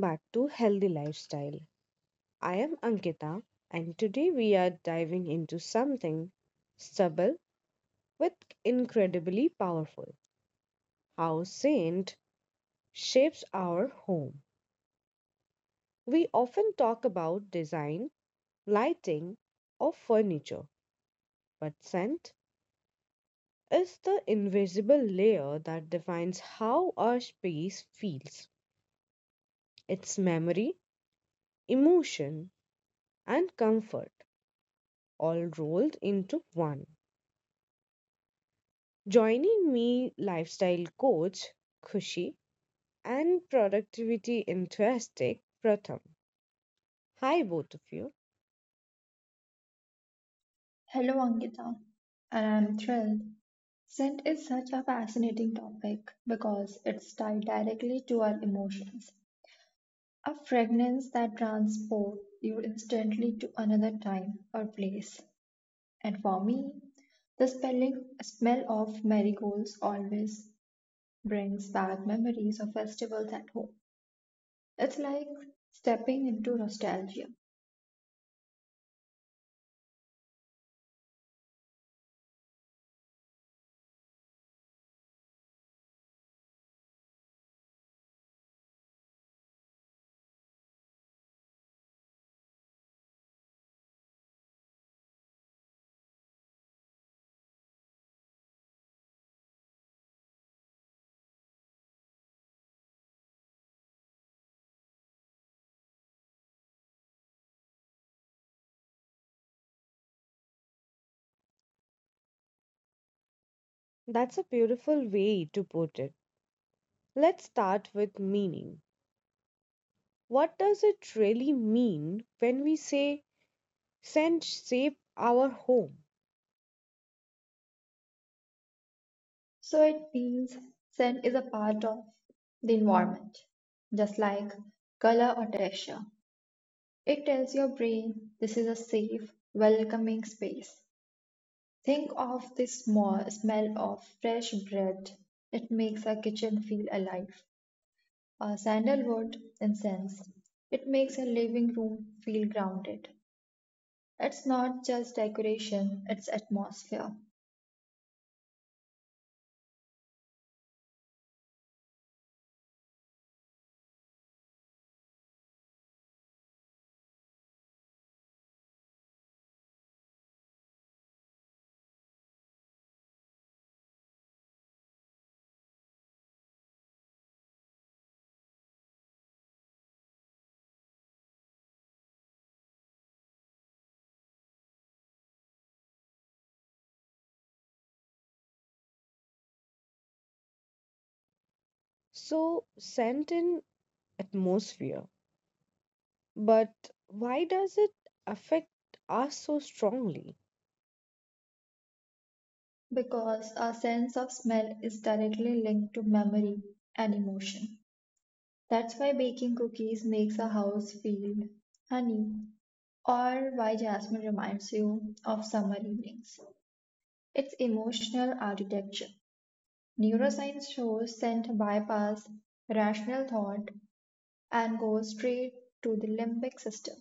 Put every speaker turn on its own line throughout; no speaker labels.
back to Healthy Lifestyle. I am Ankita, and today we are diving into something stubble with incredibly powerful how scent shapes our home. We often talk about design, lighting, or furniture, but scent is the invisible layer that defines how our space feels, its memory, emotion, and comfort all rolled into one. Joining me, lifestyle coach Khushi and productivity enthusiastic Pratham. Hi, both of you.
Hello, Ankita. And I'm thrilled. Scent is such a fascinating topic because it's tied directly to our emotions. A fragrance that transports you instantly to another time or place. And for me, the spelling, smell of marigolds always brings back memories of festivals at home. It's like stepping into nostalgia.
That's a beautiful way to put it. Let's start with meaning. What does it really mean when we say scent shape our home?
So it means scent is a part of the environment, just like color or texture. It tells your brain this is a safe, welcoming space. Think of the small smell of fresh bread. It makes a kitchen feel alive. Or sandalwood incense. It makes a living room feel grounded. It's not just decoration, it's atmosphere.
So, scent in atmosphere. But why does it affect us so strongly?
Because our sense of smell is directly linked to memory and emotion. That's why baking cookies makes a house feel honey, or why jasmine reminds you of summer evenings. It's emotional architecture. Neuroscience shows scent bypass rational thought and goes straight to the limbic system,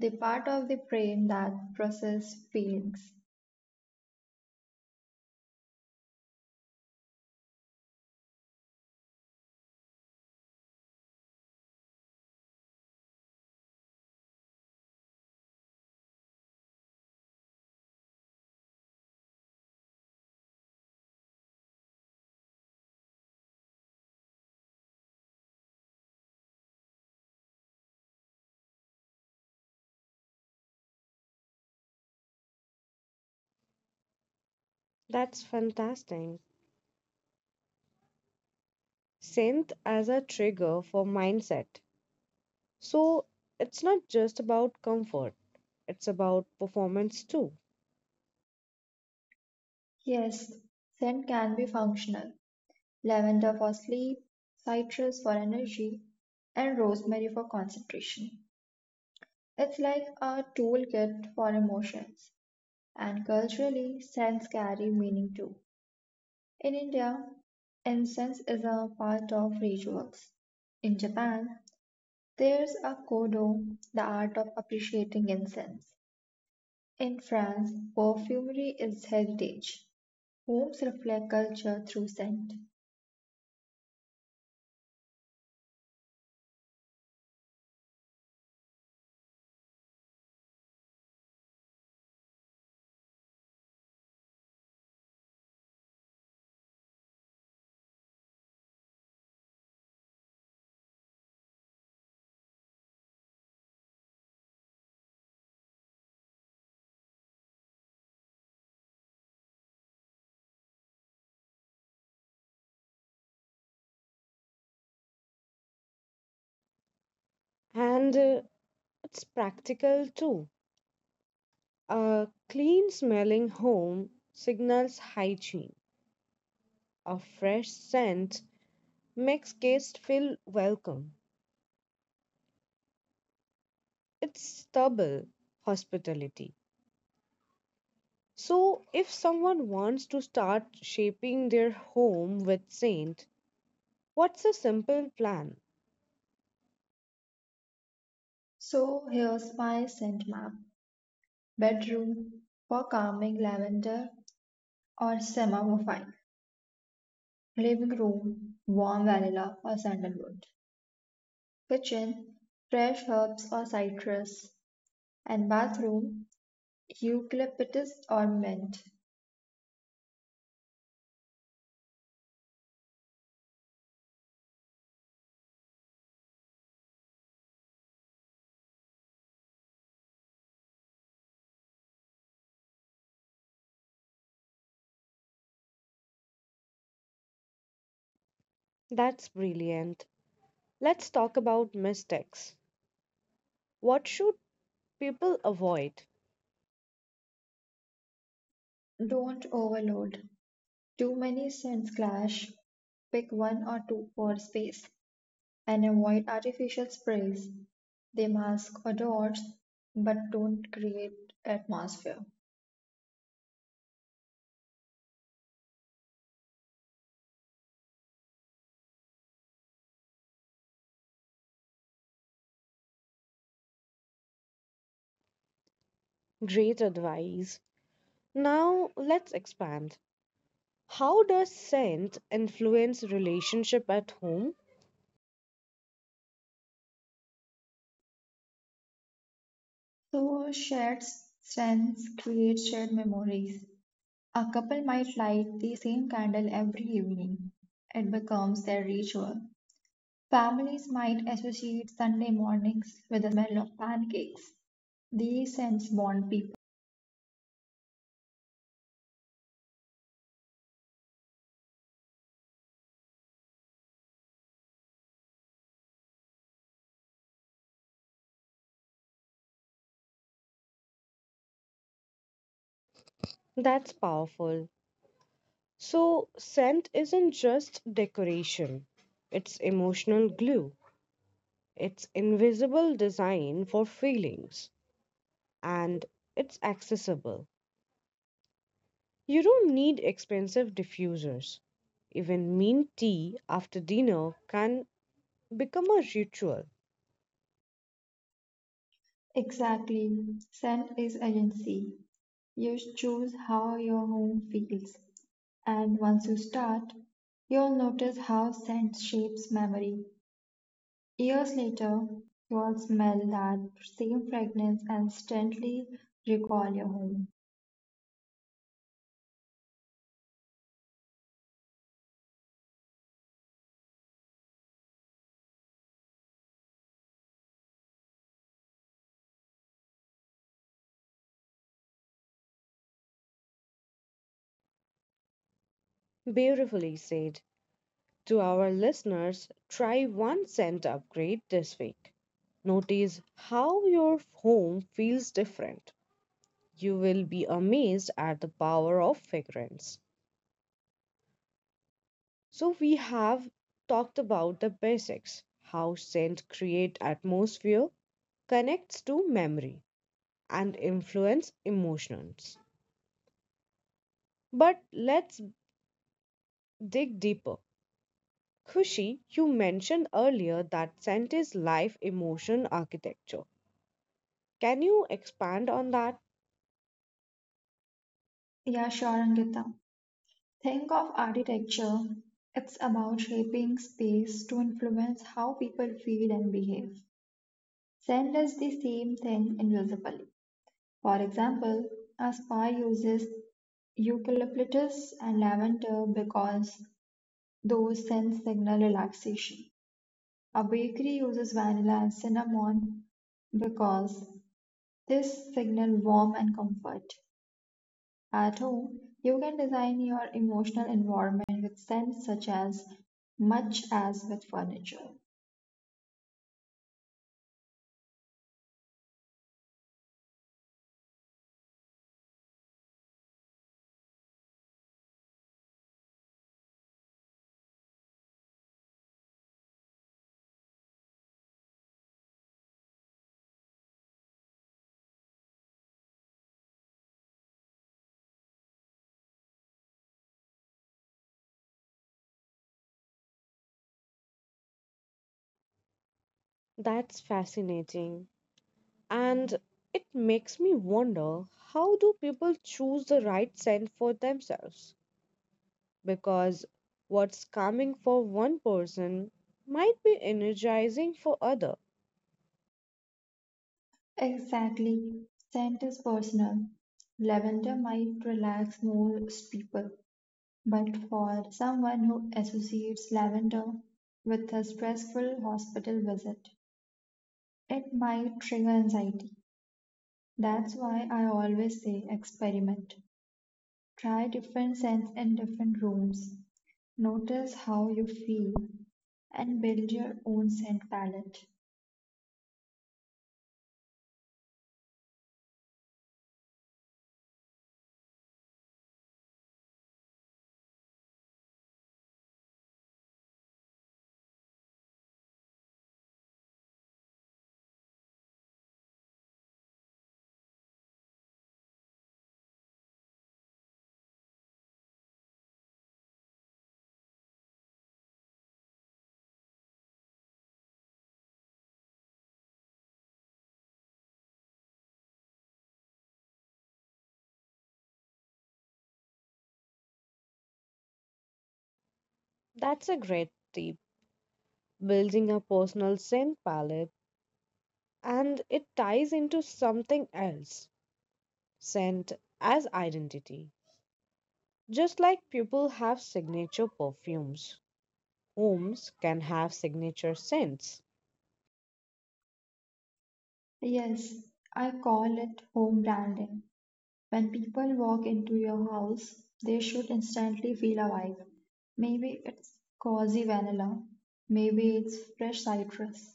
the part of the brain that processes feelings.
That's fantastic. Scent as a trigger for mindset. So it's not just about comfort, it's about performance too.
Yes, scent can be functional lavender for sleep, citrus for energy, and rosemary for concentration. It's like a toolkit for emotions, and culturally, scents carry meaning too. In India, incense is a part of rituals. In Japan, there's a kodo, the art of appreciating incense. In France, perfumery is heritage. Homes reflect culture through scent.
And it's practical too. A clean smelling home signals hygiene. A fresh scent makes guests feel welcome. It's double hospitality. So, if someone wants to start shaping their home with scent, what's a simple plan?
So here's my scent map. Bedroom: for calming lavender or chamomile. Living room: warm vanilla or sandalwood. Kitchen: fresh herbs or citrus. And bathroom: eucalyptus or mint.
That's brilliant. Let's talk about mistakes. What should people avoid?
Don't overload. Too many scents clash. Pick one or two for space and avoid artificial sprays. They mask odors but don't create atmosphere.
Great advice. Now let's expand. How does scent influence relationship at home?
So, shared strengths create shared memories. A couple might light the same candle every evening, it becomes their ritual. Families might associate Sunday mornings with the smell of pancakes. These scents bond people.
That's powerful. So scent isn't just decoration. It's emotional glue. It's invisible design for feelings, and it's accessible. You don't need expensive diffusers. Even mint tea after dinner can become a ritual.
Exactly. Scent is agency. You choose how your home feels, and once you start, you'll notice how scent shapes memory. Years later, you'll smell that same fragrance and instantly recall your home.
Beautifully said. To our listeners, try one scent upgrade this week. Notice how your home feels different. You will be amazed at the power of fragrance. So, we have talked about the basics: how scent create atmosphere, connects to memory, and influence emotions. But let's dig deeper. Kushi, you mentioned earlier that scent is life emotion architecture. Can you expand on that?
Yeah, sure, Angita. Think of architecture. It's about shaping space to influence how people feel and behave. Send does the same thing invisibly. For example, a spa uses eucalyptus and lavender because those scents signal relaxation. A bakery uses vanilla and cinnamon because this signal warmth and comfort. At home, you can design your emotional environment with scents such as much as with furniture.
That's fascinating. And it makes me wonder, how do people choose the right scent for themselves? Because what's calming for one person might be energizing for other.
Exactly, scent is personal. Lavender might relax most people, but for someone who associates lavender with a stressful hospital visit, it might trigger anxiety. That's why I always say experiment. Try different scents in different rooms. Notice how you feel and build your own scent palette.
That's a great tip. Building a personal scent palette, and it ties into something else. Scent as identity. Just like people have signature perfumes, homes can have signature scents.
Yes, I call it home branding. When people walk into your house, they should instantly feel a vibe. Maybe it's cozy vanilla, maybe it's fresh citrus,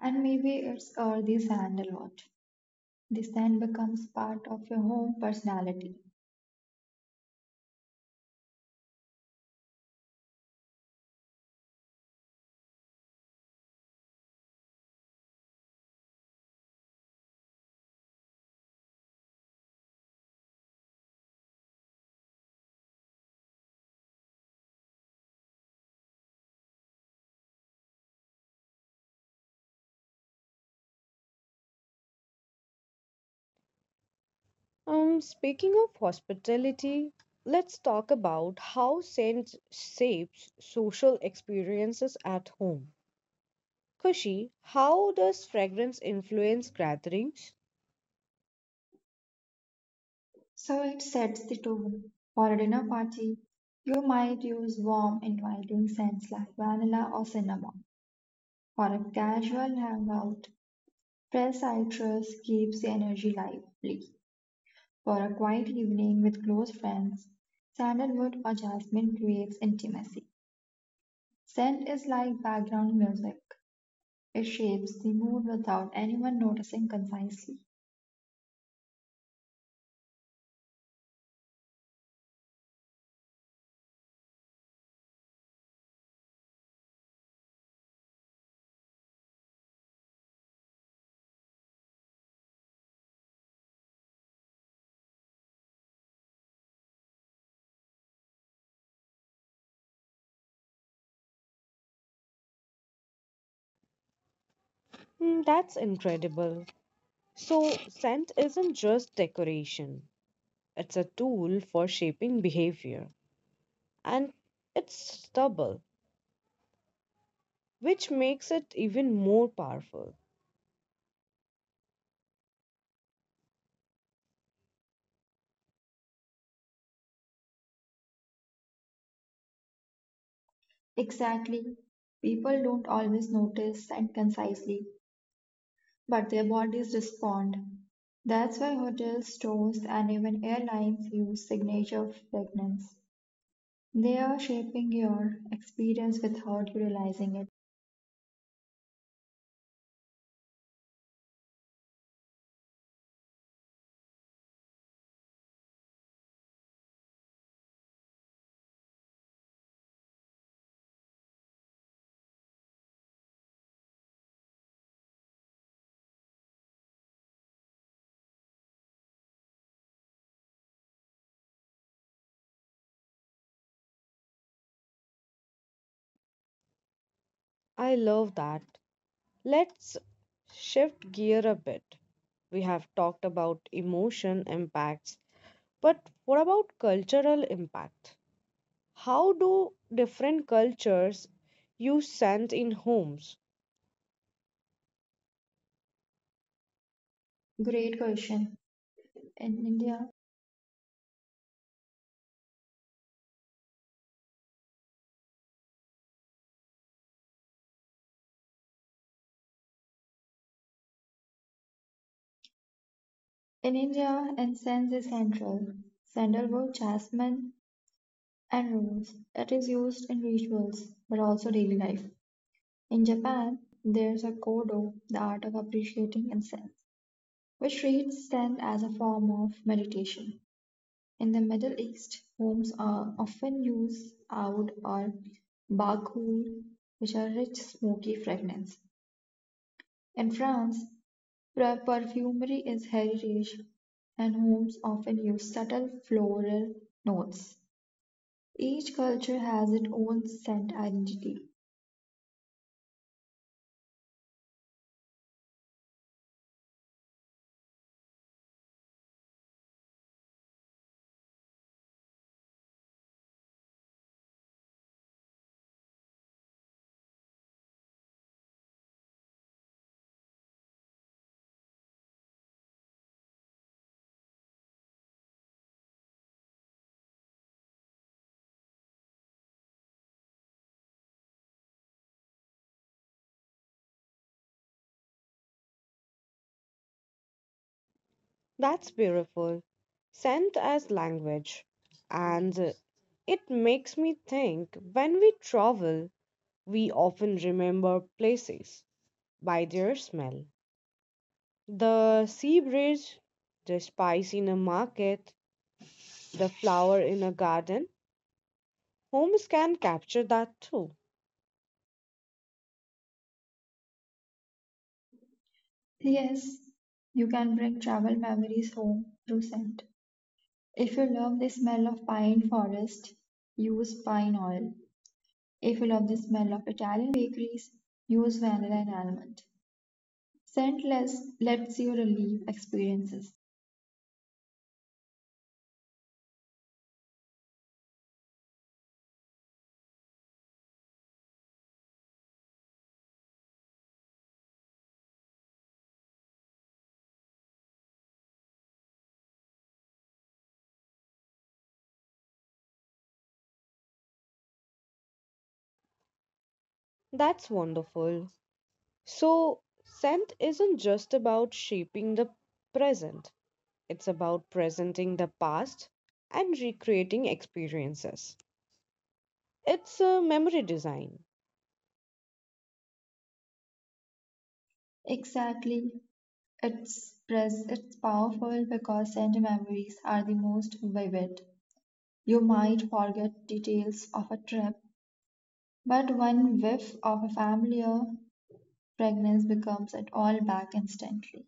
and maybe it's earthy sandalwood. The scent becomes part of your home personality.
Speaking of hospitality, let's talk about how scent shapes social experiences at home. Kushi, how does fragrance influence gatherings?
So it sets the tone. For a dinner party, you might use warm, inviting scents like vanilla or cinnamon. For a casual hangout, fresh citrus keeps the energy lively. For a quiet evening with close friends, sandalwood or jasmine creates intimacy. Scent is like background music. It shapes the mood without anyone noticing concisely.
Hmm, that's incredible. So, scent isn't just decoration, it's a tool for shaping behavior, and it's stubble, which makes it even more powerful.
Exactly. People don't always notice scent concisely, but their bodies respond. That's why hotels, stores, and even airlines use signature fragrance. They are shaping your experience without you realizing it.
I love that. Let's shift gear a bit. We have talked about emotion impacts, but what about cultural impact? How do different cultures use scent in homes?
Great question. In India, in India, incense is central. Sandalwood, jasmine, and rose. It is used in rituals, but also daily life. In Japan, there's a kodo, the art of appreciating incense, which treats them as a form of meditation. In the Middle East, homes are often use oud or bakhul, which are rich, smoky fragrance. In France, perfumery is heritage, and homes often use subtle floral notes. Each culture has its own scent identity.
That's beautiful. Scent as language. And it makes me think, when we travel, we often remember places by their smell. The sea breeze, the spice in a market, the flower in a garden. Homes can capture that too.
Yes, you can bring travel memories home through scent. If you love the smell of pine forest, use pine oil. If you love the smell of Italian bakeries, use vanilla and almond. Scentless lets you relive experiences.
That's wonderful. So, scent isn't just about shaping the present, it's about presenting the past and recreating experiences. It's a memory design.
Exactly. It's powerful because scent memories are the most vivid. You might forget details of a trip, but one whiff of a familiar fragrance becomes it all back instantly.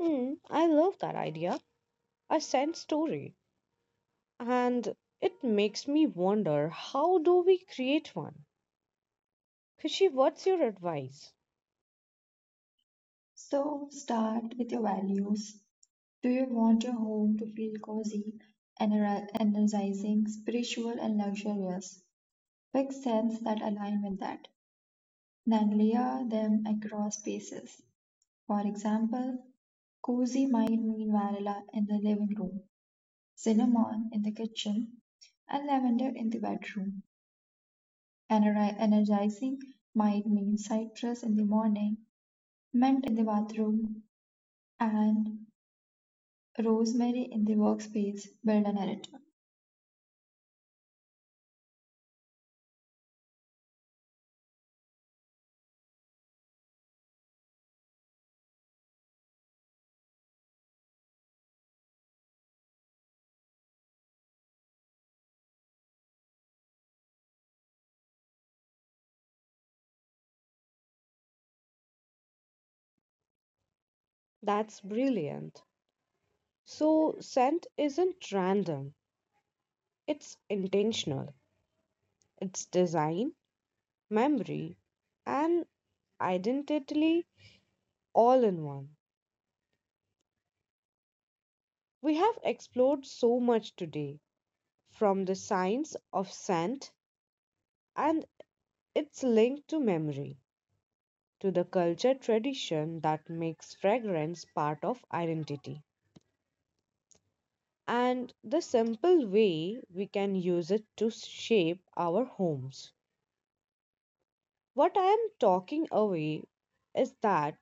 Hmm, I love that idea. A scent story. And it makes me wonder, how do we create one? Fishy, what's your advice?
So start with your values. Do you want your home to feel cozy, energizing, spiritual, and luxurious? Pick scents that align with that, then layer them across spaces. For example, cozy might mean vanilla in the living room, cinnamon in the kitchen, and lavender in the bedroom. Energizing might mean citrus in the morning, mint in the bathroom, and rosemary in the workspace. Build a narrative.
That's brilliant. So, scent isn't random, it's intentional, it's design, memory, and identity all in one. We have explored so much today, from the science of scent and its link to memory to the culture tradition that makes fragrance part of identity and the simple way we can use it to shape our homes. What I am talking away is that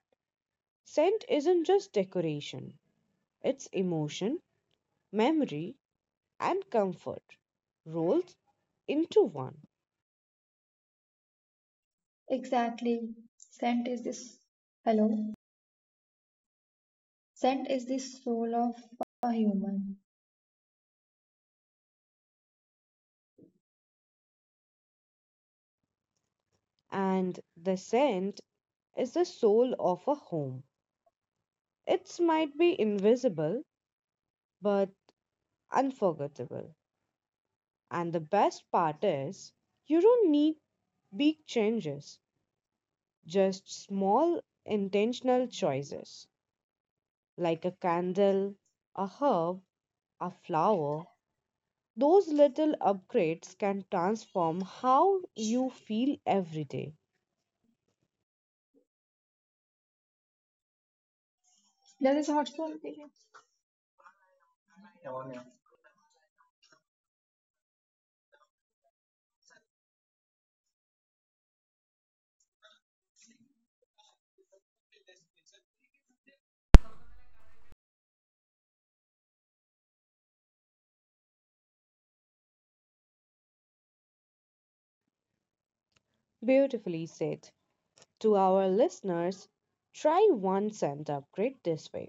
scent isn't just decoration, it's emotion, memory, and comfort rolled into one.
Exactly. Scent is this hello. Scent is the soul of a human.
And the scent is the soul of a home. It might be invisible, but unforgettable. And the best part is, you don't need big changes, just small intentional choices like a candle, a herb, a flower. Those little upgrades can transform how you feel every day.
That is a hot topic.
Beautifully said. To our listeners, try one cent upgrade this way.